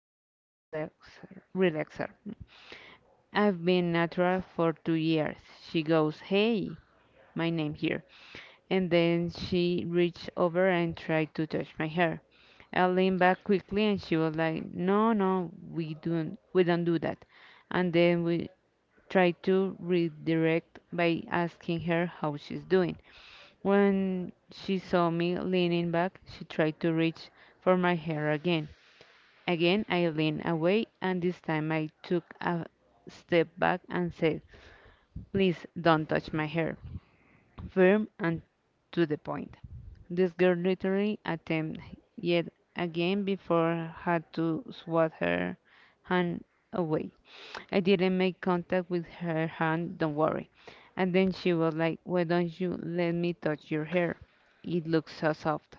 with a relaxer. I've been natural for 2 years. She goes, "Hey, my name here," and then she reached over and tried to touch my hair. I leaned back quickly and she was like, "No, no, we don't do that." And then we tried to redirect by asking her how she's doing. When she saw me leaning back, she tried to reach for my hair again. Again I leaned away, and this time I took a step back and said, "Please don't touch my hair." Firm and to the point. This girl literally attempted yet again before I had to swat her hand away. I didn't make contact with her hand, don't worry. And then she was like, "Why don't you let me touch your hair? It looks so soft."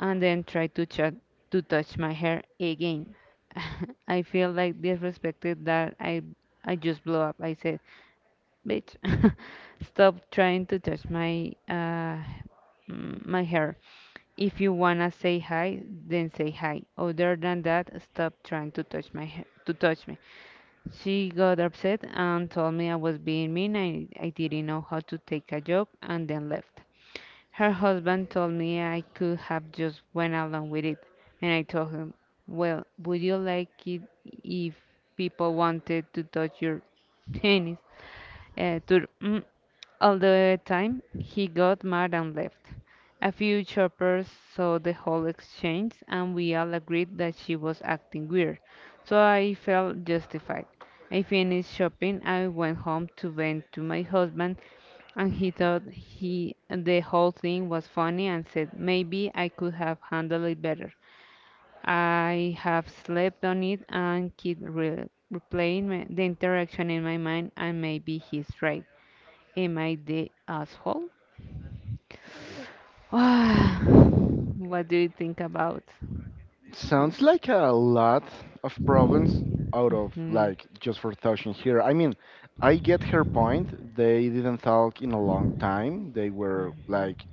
And then tried to, to touch my hair again. I feel like disrespected that I just blew up. I said, bitch. Stop trying to touch my my hair. If you wanna say hi, then say hi. Other than that, stop trying to touch my hair, to touch me. She got upset and told me I was being mean. I didn't know how to take a joke and then left. Her husband told me I could have just went along with it, and I told him, "Well, would you like it if people wanted to touch your penis?" Uh, tur- all the time, he got mad and left. A few shoppers saw the whole exchange, and we all agreed that she was acting weird, so I felt justified. I finished shopping, I went home to vent to my husband, and he thought he the whole thing was funny and said maybe I could have handled it better. I have slept on it and keep replaying the interaction in my mind, and maybe he's right. Am I the asshole? What do you think about this? Sounds like a lot of problems out of Mhm, like just for touching here. I mean, I get her point. They didn't talk in a long time. They were mhm, like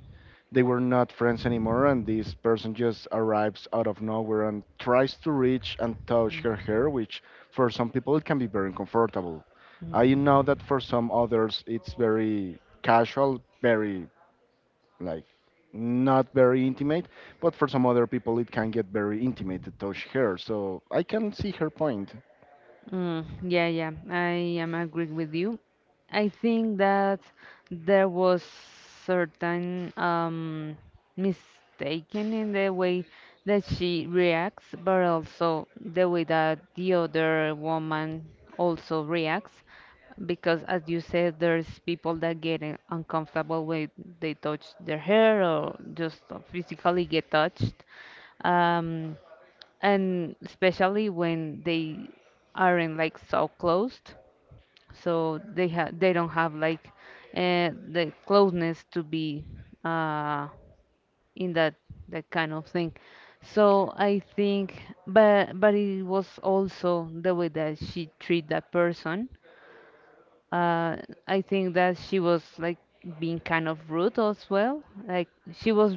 they were not friends anymore, and this person just arrives out of nowhere and tries to reach and touch her hair, which for some people it can be very uncomfortable. I know that for some others it's very casual, very like not very intimate, but for some other people it can get very intimate to touch her. So I can see her point. Yeah, yeah, I am agreeing with you. I think that there was certain mistaken in the way that she reacts, but also the way that the other woman also reacts, because as you said, there's people that get uncomfortable when they touch their hair or just physically get touched. Um, and especially when they aren't like so closed, so they have they don't have like the closeness to be uh, in that kind of thing, so I think, but it was also the way that she treated that person. uh, I think that she was like being kind of rude as well, like she was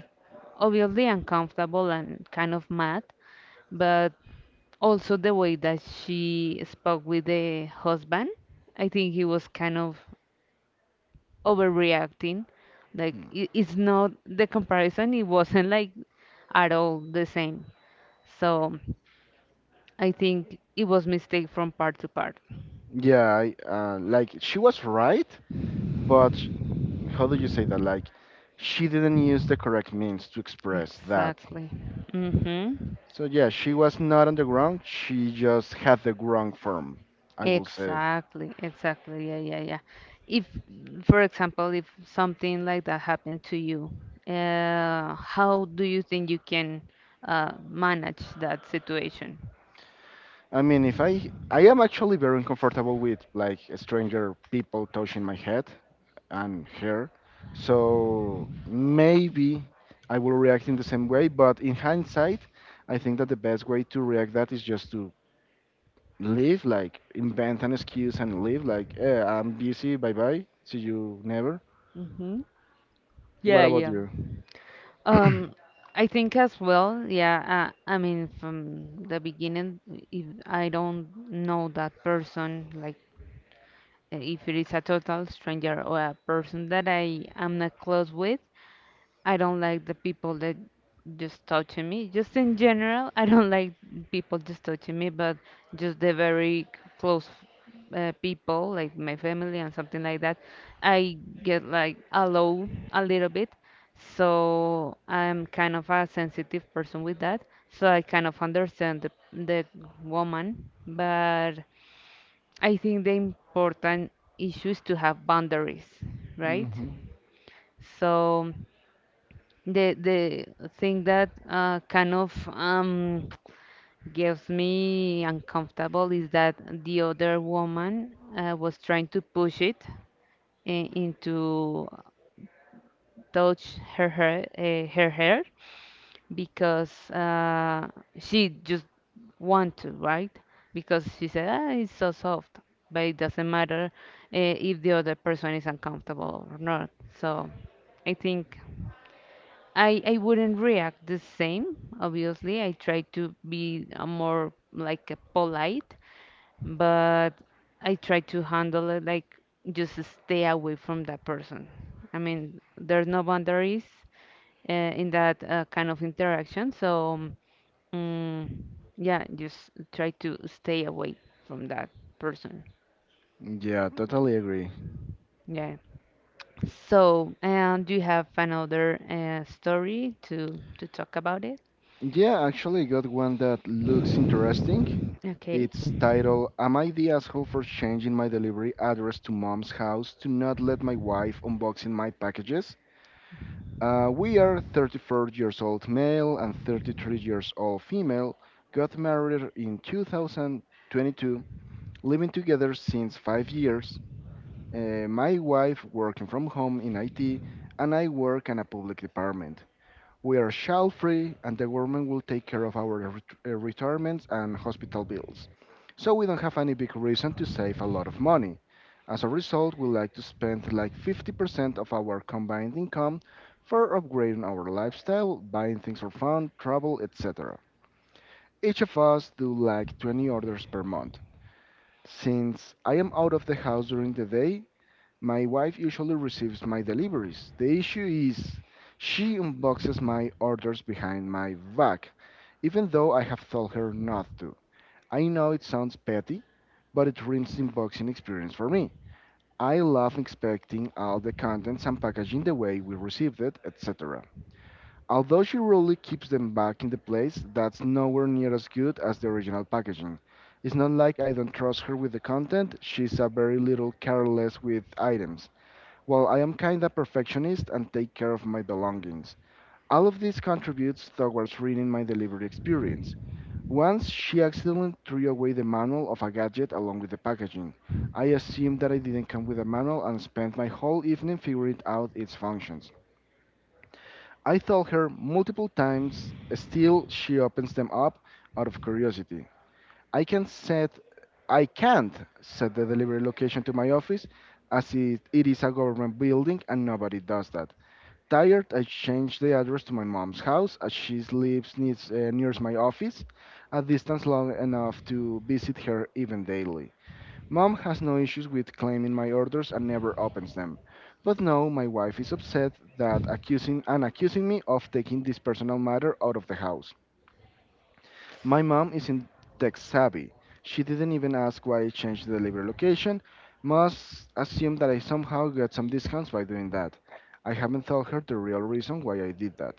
obviously uncomfortable and kind of mad, but also, the way that she spoke with the husband, I think he was kind of overreacting. Like, Hmm. It's not the comparison, it wasn't like at all the same. So, I think it was mistake from part to part. Yeah, I, like she was right, but how do you say that? Like she didn't use the correct means to express that. Exactly. Mm-hmm. So yeah, she was not on the ground. She just had the wrong form, I will say. Exactly, exactly. Yeah, yeah, yeah. If, for example, if something like that happened to you, how do you think you can manage that situation? I mean, if I am actually very uncomfortable with like stranger people touching my head, and her. So maybe I will react in the same way, but in hindsight, I think that the best way to react that is just to leave, like invent an excuse and leave, like, I'm busy, bye bye, see you never. hmm Yeah, What about yeah. you? Um, I think as well, yeah, I mean, from the beginning, if I don't know that person, like if it is a total stranger or a person that I am not close with, I don't like the people that just touching me. Just in general, I don't like people just touching me, but just the very close people, like my family and something like that, I get like low a little bit. So I'm kind of a sensitive person with that. So I kind of understand the woman, but I think the important issue is to have boundaries, right? Hmm. So. The thing that kind of gives me uncomfortable is that the other woman was trying to push it into touch her hair, her hair because she just want to, right? Because she said, ah, it's so soft, but it doesn't matter if the other person is uncomfortable or not. So I think I wouldn't react the same. Obviously, I try to be a more like a polite, but I try to handle it like just stay away from that person. I mean, there's no boundaries in that kind of interaction, so mm, yeah, just try to stay away from that person. Yeah, totally agree. Yeah. So, and do you have another story to talk about it? Yeah, actually, I got one that looks interesting. Okay. It's titled "Am I the Asshole for Changing My Delivery Address to Mom's House to Not Let My Wife Unboxing My Packages?" We are 34 years old male and 33 years old female. Got married in 2022, living together since 5 years. My wife working from home in IT, and I work in a public department. We are child free, and the government will take care of our retirements and hospital bills. So we don't have any big reason to save a lot of money. As a result, we like to spend like 50% of our combined income for upgrading our lifestyle, buying things for fun, travel, etc. Each of us do like 20 orders per month. Since I am out of the house during the day, my wife usually receives my deliveries. The issue is she unboxes my orders behind my back, even though I have told her not to. I know it sounds petty, but it ruins the unboxing experience for me. I love inspecting all the contents and packaging the way we received it, etc. Although she really keeps them back in the place, that's nowhere near as good as the original packaging. It's not like I don't trust her with the content, she's a very little careless with items. Well, I am kinda perfectionist and take care of my belongings. All of this contributes towards ruining my delivery experience. Once she accidentally threw away the manual of a gadget along with the packaging. I assumed that it didn't come with a manual and spent my whole evening figuring out its functions. I told her multiple times, still she opens them up out of curiosity. I can set I can't set the delivery location to my office as it is a government building and nobody does that. Tired, I changed the address to my mom's house as she lives near my office, a distance long enough to visit her even daily. Mom has no issues with claiming my orders and never opens them. But no, my wife is upset that accusing and accusing me of taking this personal matter out of the house. My mom isn't tech savvy. She didn't even ask why I changed the delivery location. Must assume that I somehow got some discounts by doing that. I haven't told her the real reason why I did that.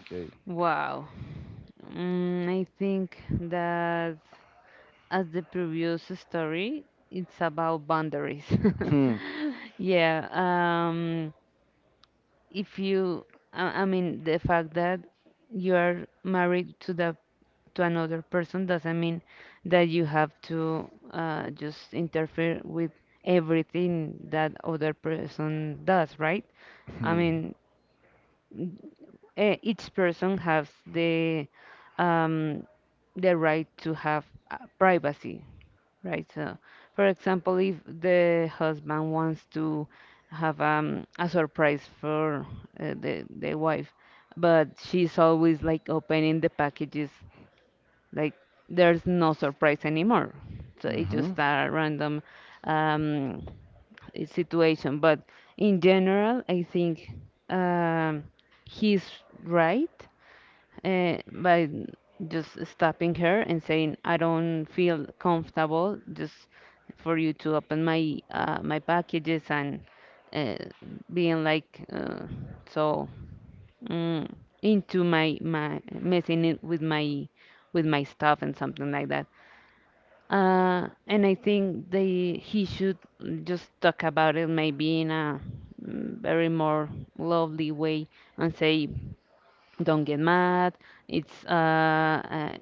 Okay. Wow. I think that as the previous story, it's about boundaries. Hmm. Yeah, if you, I mean, the fact that you are married to the to another person doesn't mean that you have to just interfere with everything that other person does, right? I Hmm. mean, each person has um, the right to have privacy, right? So, for example, if the husband wants to have a surprise for the wife, but she's always like opening the packages, like there's no surprise anymore. So it's Mm-hmm. just a random um, situation. But in general, I think um, he's right by just stopping her and saying, "I don't feel comfortable just for you to open my my packages and uh, being like so mm, into my messing it with my stuff and something like that." And I think they he should just talk about it, maybe in a very more lovely way and say, don't get mad, it's uh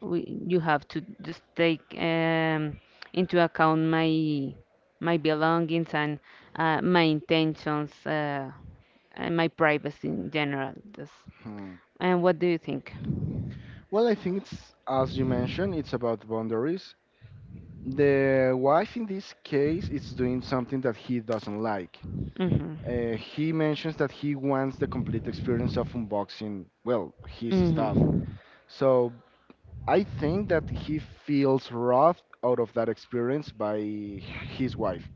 we, you have to just take into account my belongings and my intentions and my privacy in general, just. Hmm. And what do you think? Well, I think it's, as you mentioned, it's about boundaries. The wife in this case is doing something that he doesn't like. mhm He mentions that he wants the complete experience of unboxing, well, his stuff. mhm So I think that he feels rough out of that experience by his wife.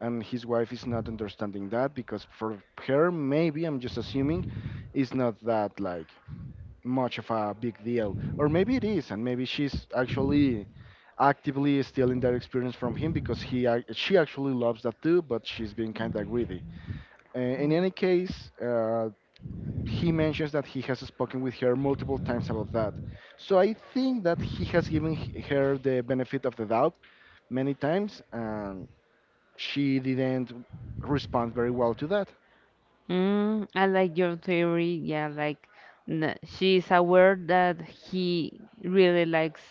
And his wife is not understanding that because for her, maybe, I'm just assuming, it's not that like much of a big deal. Or maybe it is, and maybe she's actually actively stealing that experience from him because she actually loves that too, but she's being kind of greedy. In any case, he mentions that he has spoken with her multiple times about that. So I think that he has given her the benefit of the doubt many times, and she didn't respond very well to that. I like your theory. Yeah, like n she's aware that he really likes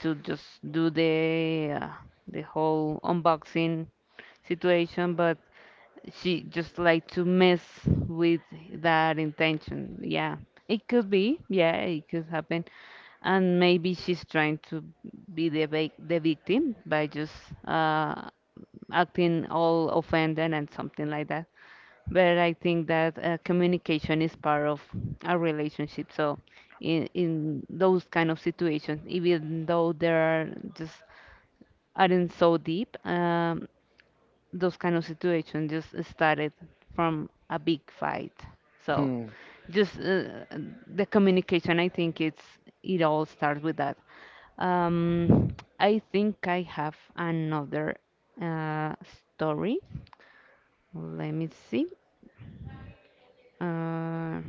to just do the whole unboxing situation, but she just like to mess with that intention. Yeah, it could be. Yeah, it could happen. And maybe she's trying to be the vic the victim by just uh, acting all offended and something like that. But I think that communication is part of a relationship. So in those kind of situations, even though there are just aren't so deep, those kind of situations just started from a big fight. So Hmm. just the communication, I think it's it all starts with that. Um, I think I have another uh, story. Let me see. Uh,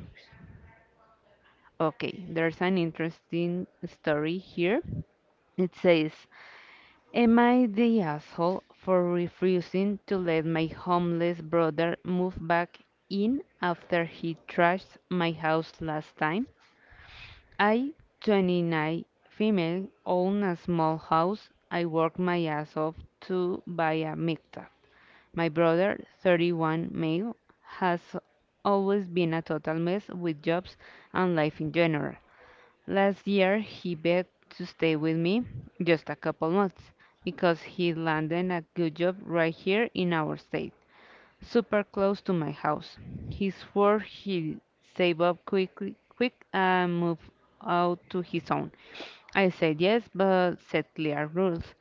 Okay, there's an interesting story here. It says, "Am I the asshole for refusing to let my homeless brother move back in after he trashed my house last time? I, 29, female, own a small house. I work my ass off to buy a mixer. My brother, 31, male, has always been a total mess with jobs and life in general. Last year he begged to stay with me just a couple months because he landed a good job right here in our state, super close to my house. He swore he'd save up quick and move out to his own. I said yes, but set clear rules.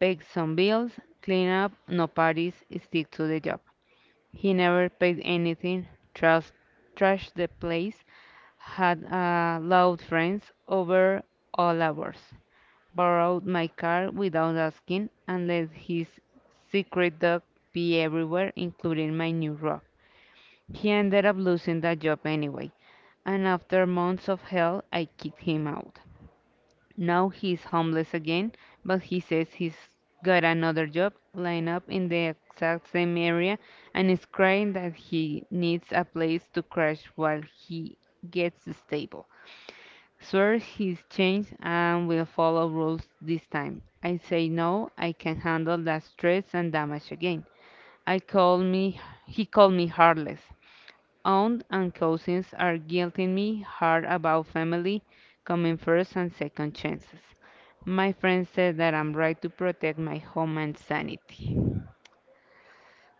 Pay some bills, clean up, no parties, stick to the job. He never paid anything, trash, trashed the place, had loud friends over all hours, borrowed my car without asking, and let his secret dog be everywhere, including my new rug. He ended up losing that job anyway, and after months of hell, I kicked him out. Now he's homeless again, but he says he's got another job lined up in the exact same area and is crying that he needs a place to crash while he gets stable. Swears he's changed and will follow rules this time. I say no, I can handle that stress and damage again. I call me He called me heartless. Aunt and cousins are guilting me hard about family coming first and second chances. My friend says that I'm right to protect my home and sanity.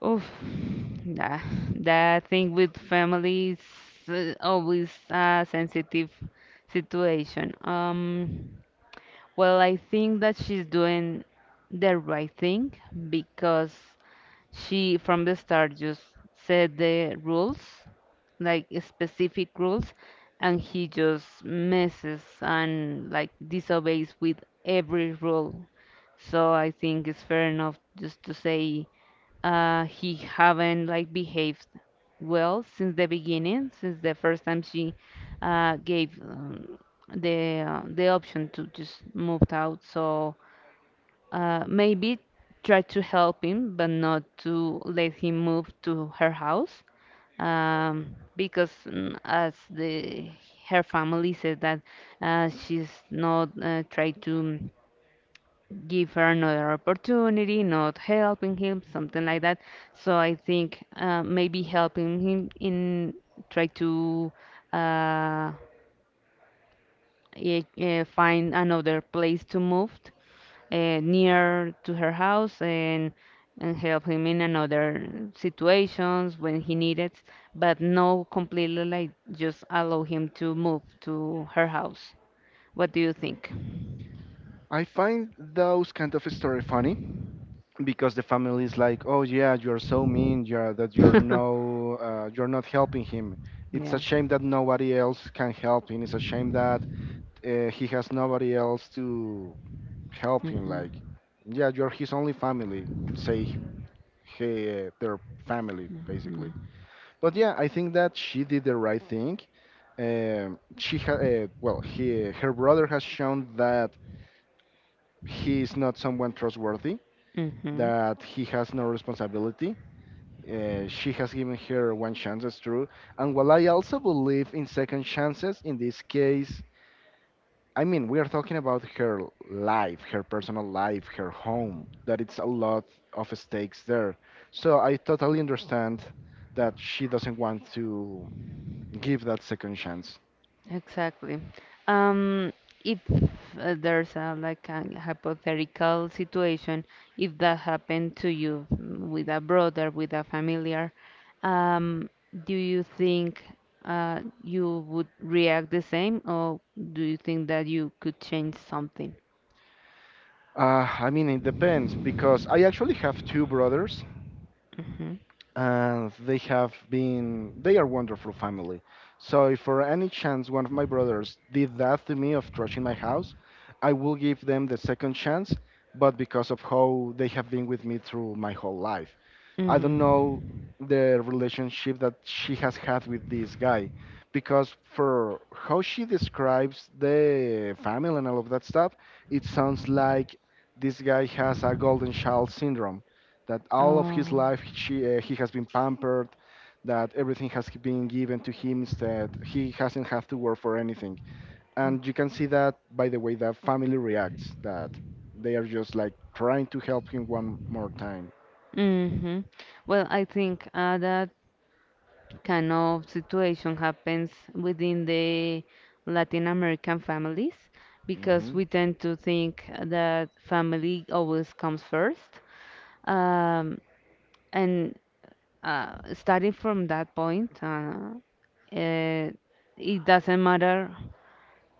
Oof, that, that thing with family is always a sensitive situation. Well, I think that she's doing the right thing because she from the start just set the rules, like specific rules, and he just messes and like disobeys with every rule. So I think it's fair enough just to say he haven't like behaved well since the beginning, since the first time she gave the the option to just move out. So maybe try to help him, but not to let him move to her house, because as the her family said that she's not try to give her another opportunity, not helping him, something like that. So I think maybe helping him in try to uh, find another place to move near to her house and help him in another situations when he needed, but no completely like just allow him to move to her house. What do you think? I find those kind of story funny because the family is like, "Oh yeah, you're so mean. You're, that you're no, you're not helping him. It's a Yeah. shame that nobody else can help him. It's a shame that he has nobody else to help him, like, Mhm. yeah, you're his only family, say, hey, their family, basically." Mm. But yeah, I think that she did the right thing. Well, he her brother has shown that he is not someone trustworthy, Mhm. that he has no responsibility. She has given her one chance. That's true, and while I also believe in second chances, in this case I mean, we are talking about her life, her personal life, her home, that it's a lot of stakes there. So I totally understand that she doesn't want to give that second chance. Exactly. Um, if there's a like a hypothetical situation, if that happened to you with a brother, with a familiar, um, do you think you would react the same, or do you think that you could change something? I mean, it depends because I actually have two brothers Mm-hmm. and they are wonderful family. So if for any chance one of my brothers did that to me of trashing my house, I will give them the second chance, but because of how they have been with me through my whole life. I don't know the relationship that she has had with this guy because for how Mm-hmm. she describes the family and all of that stuff, it sounds like this guy has a golden child syndrome that all of his Oh. life he has been pampered, that everything has been given to him instead. He hasn't had to work for anything. And you can see that by the way that family reacts, that they are just like trying to help him one more time. hmm Well, I think that kind of situation happens within the Latin American families because Mm-hmm. we tend to think that family always comes first. Um, and starting from that point, uh, it doesn't matter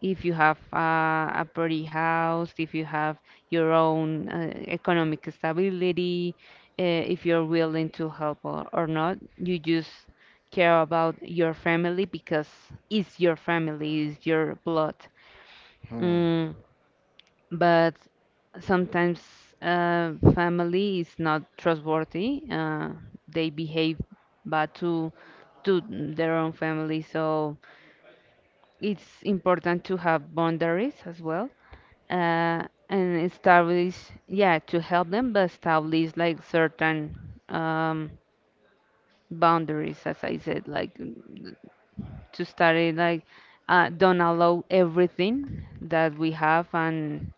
if you have a pretty house, if you have your own economic stability, if you're willing to help or not. You just care about your family because it's your family, it's your blood. Hmm. Mm, but sometimes family is not trustworthy. They behave bad to their own family, so it's important to have boundaries as well, uh, and establish, yeah, to help them, but establish like certain um, boundaries, as I said, like to start it, like don't allow everything that we have, and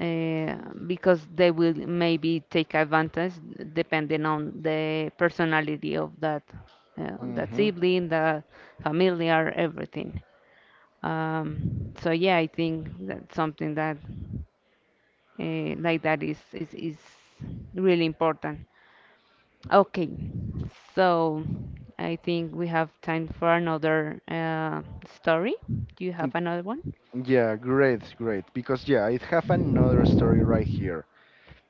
uh, because they will maybe take advantage depending on the personality of that, that Mm-hmm. sibling, the familiar, everything. So yeah, I think that's something that like that is really important. Okay, so I think we have time for another story. Do you Mm. have another one? Yeah, great, great. Because yeah, I have another story right here.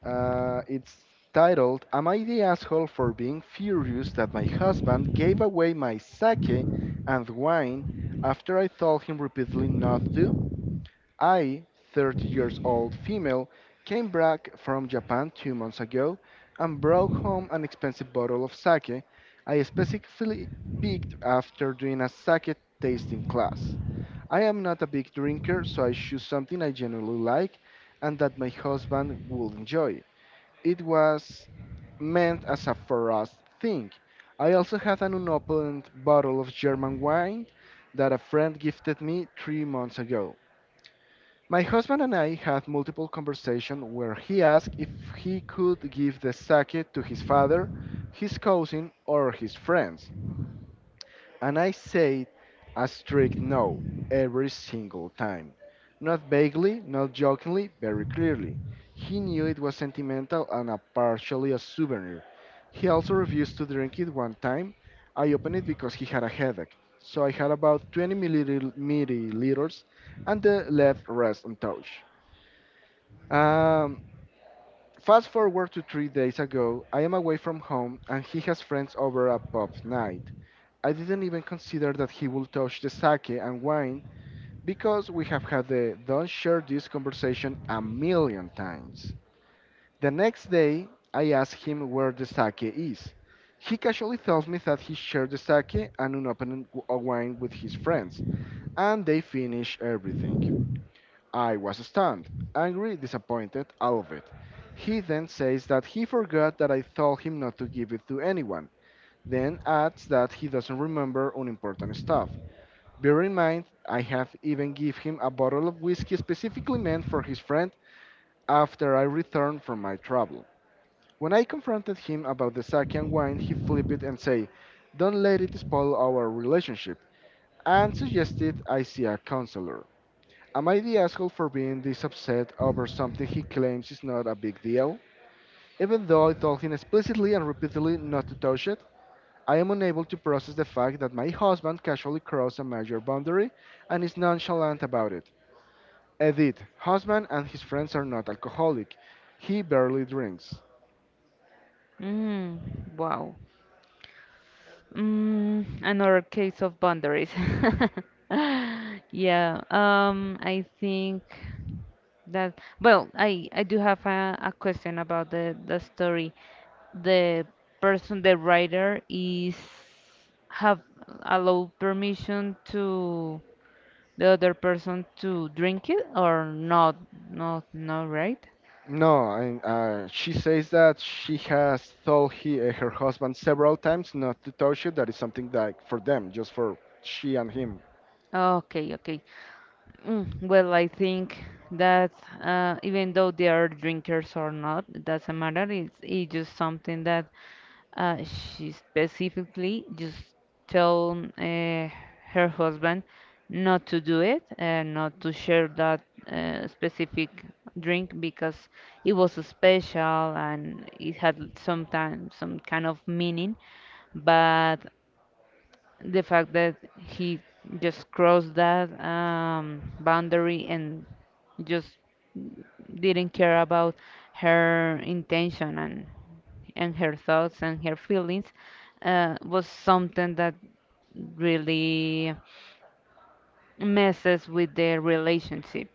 It's titled "Am I the asshole for being furious that my husband gave away my sake and wine after I told him repeatedly not to?" I, 30 years old female, came back from Japan 2 months ago and brought home an expensive bottle of sake I specifically picked after doing a sake tasting class. I am not a big drinker, so I choose something I genuinely like and that my husband will enjoy. It was meant as a for us thing. I also had an unopened bottle of German wine that a friend gifted me 3 months ago. My husband and I had multiple conversations where he asked if he could give the sake to his father, his cousin, or his friends. And I said a strict no every single time. Not vaguely, not jokingly, very clearly. He knew it was sentimental and a partially a souvenir. He also refused to drink it one time. I opened it because he had a headache. So I had about 20 milliliters and the left rest untouched. Um, fast forward to 3 days ago, I am away from home and he has friends over a pub night. I didn't even consider that he would touch the sake and wine because we have had the don't share this conversation a million times. The next day, I ask him where the sake is. He casually tells me that he shared the sake and unopened a wine with his friends, and they finish everything. I was stunned, angry, disappointed, all of it. He then says that he forgot that I told him not to give it to anyone, then adds that he doesn't remember unimportant stuff. Bear in mind, I have even give him a bottle of whiskey specifically meant for his friend after I returned from my travel. When I confronted him about the sake and wine, he flipped it and say, "Don't let it spoil our relationship," and suggested I see a counselor. Am I the asshole for being this upset over something he claims is not a big deal? Even though I told him explicitly and repeatedly not to touch it, I am unable to process the fact that my husband casually crossed a major boundary and is nonchalant about it. Edith, husband and his friends are not alcoholic. He barely drinks. Mm, wow. Mm, another case of boundaries. Yeah, I think that well, I do have a question about the story. The person, the writer, is have allowed permission to the other person to drink it or not? Not, right? No, she says that she has told her husband several times not to touch it. That is something like for them, just for she and him. Okay, okay. Mm, well, I think that even though they are drinkers or not, it doesn't matter. It's just something that she specifically just told her husband not to do it and not to share that specific drink because it was special and it had sometimes some kind of meaning. But the fact that he just crossed that boundary and just didn't care about her intention and her thoughts and her feelings was something that really messes with their relationship.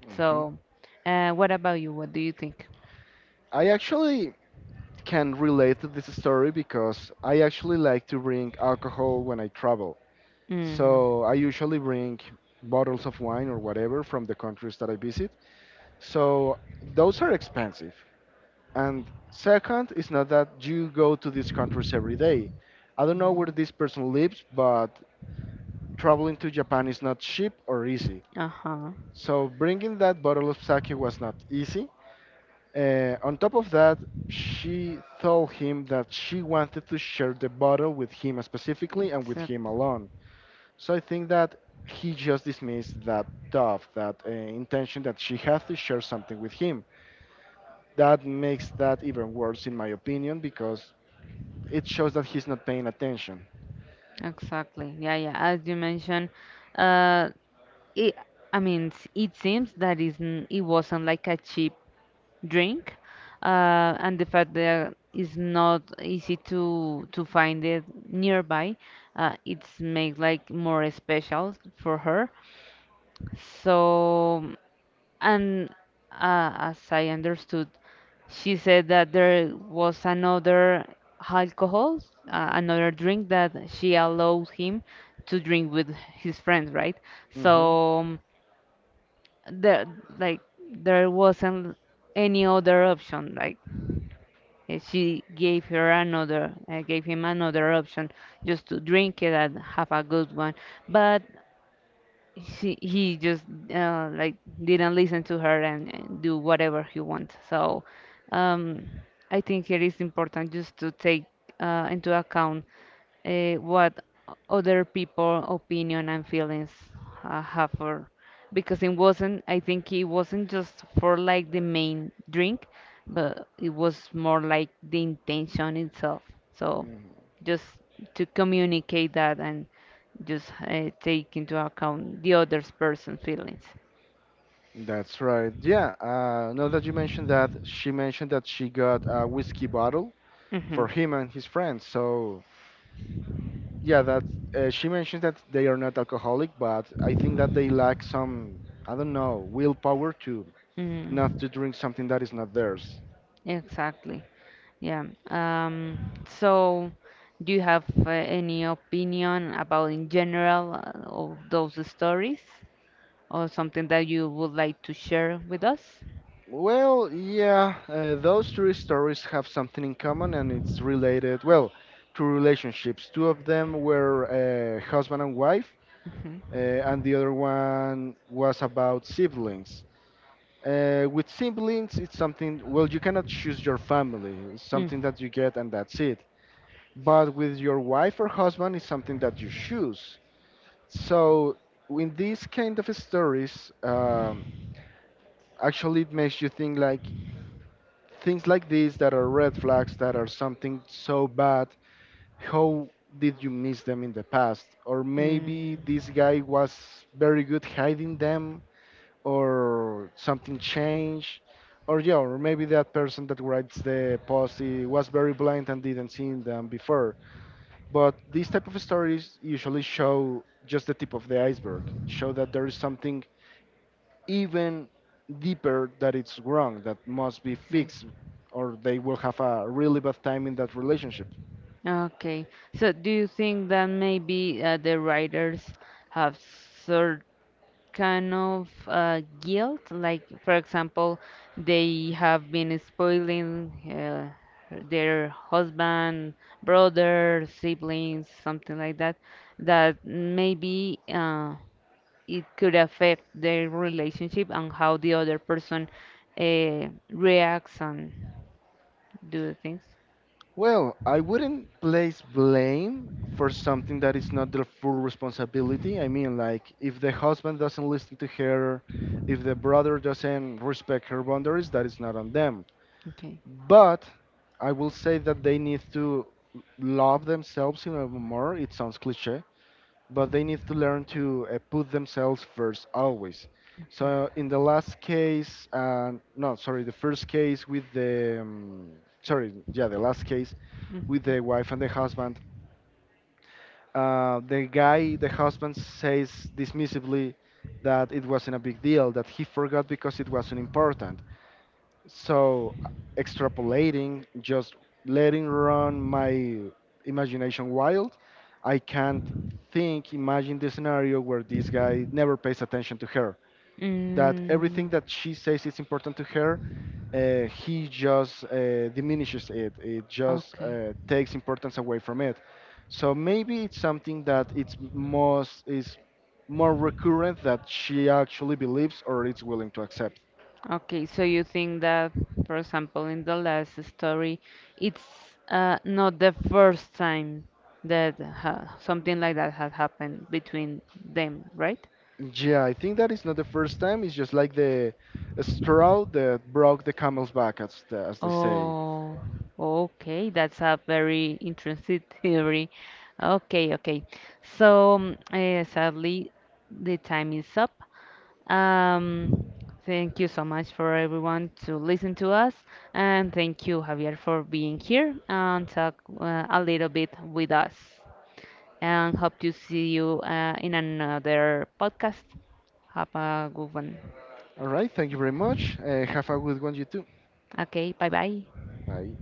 Mhm. So, what about you? What do you think? I actually can relate to this story because I actually like to bring alcohol when I travel. hmm So I usually bring bottles of wine or whatever from the countries that I visit. So those are expensive. And second, it's not that you go to these countries every day. I don't know where this person lives, but traveling to Japan is not cheap or easy. Uh-huh. So bringing that bottle of sake was not easy. On top of that, she told him that she wanted to share the bottle with him specifically and with him Exactly. alone. So I think that he just dismissed that thought, that intention that she had to share something with him. That makes that even worse, in my opinion, because it shows that he's not paying attention. Exactly. Yeah, yeah. As you mentioned, uh, it, I mean, it seems that isn't, it wasn't like a cheap drink, and the fact that it's not easy to find it nearby, it's make like more special for her. So, and as I understood, she said that there was another alcohol, another drink that she allowed him to drink with his friends, right? hmm So there, like, there wasn't any other option. Like, she gave her another, gave him another option just to drink it and have a good one. But he just like didn't listen to her and do whatever he wants. So um, I think it is important just to take into account what other people opinion and feelings have for because it wasn't I think it wasn't just for like the main drink, but it was more like the intention itself. So hmm. just to communicate that and just take into account the other person's feelings. That's right. Yeah. Now that you mentioned that she got a whiskey bottle hmm for him and his friends. So yeah, that she mentioned that they are not alcoholic, but I think that they lack some, I don't know, willpower to not Mm, to drink something that is not theirs. exactly. Yeah. Um, so, do you have any opinion about in general of those stories, or something that you would like to share with us? Well, yeah, those three stories have something in common, and it's related, well, to relationships. Two of them were husband and wife, hmm and the other one was about siblings. With siblings, it's something, well, you cannot choose your family. It's Mm. something that you get and that's it. But with your wife or husband, it's something that you choose. So, in these kind of stories, actually, it makes you think like things like these that are red flags, that are something so bad. How did you miss them in the past? Or Mm. maybe this guy was very good hiding them or something changed. Or yeah, or maybe that person that writes the post, he was very blind and didn't see them before. But these type of stories usually show just the tip of the iceberg, show that there is something even deeper that it's wrong that must be Okay. fixed, or they will have a really bad time in that relationship. Okay. So do you think that maybe the writers have certain kind of guilt? Like, for example, they have been spoiling their husband, brother, siblings, something like that, that maybe it could affect their relationship and how the other person reacts and do the things. Well, I wouldn't place blame for something that is not their full responsibility. I mean, like, if the husband doesn't listen to her, if the brother doesn't respect her boundaries, that is not on them. Okay. But I will say that they need to love themselves even more. It sounds cliche, but they need to learn to put themselves first always. So in the last case, no, sorry, the first case with the, the last case Hmm. with the wife and the husband, the guy, the husband says dismissively that it wasn't a big deal, that he forgot because it wasn't important. So extrapolating, just letting run my imagination wild, I can't think, imagine the scenario where this guy never pays attention to her. That Mm. everything that she says is important to her, he just diminishes it. It just Okay. Takes importance away from it. So maybe it's something that it's most is more recurrent that she actually believes or is willing to accept. Okay, so you think that, for example, in the last story, it's not the first time that ha something like that had happened between them, right? Yeah, I think that is not the first time. It's just like the straw that broke the camel's back, as they say. Oh, okay. That's a very interesting theory. Okay, okay. So, sadly, the time is up. Um, Thank you so much for everyone to listen to us, and thank you, Javier, for being here and talk a little bit with us. And hope to see you in another podcast. Have a good one. All right, thank you very much. Uh, Uh, have a good one, you too. Okay, bye bye. Bye.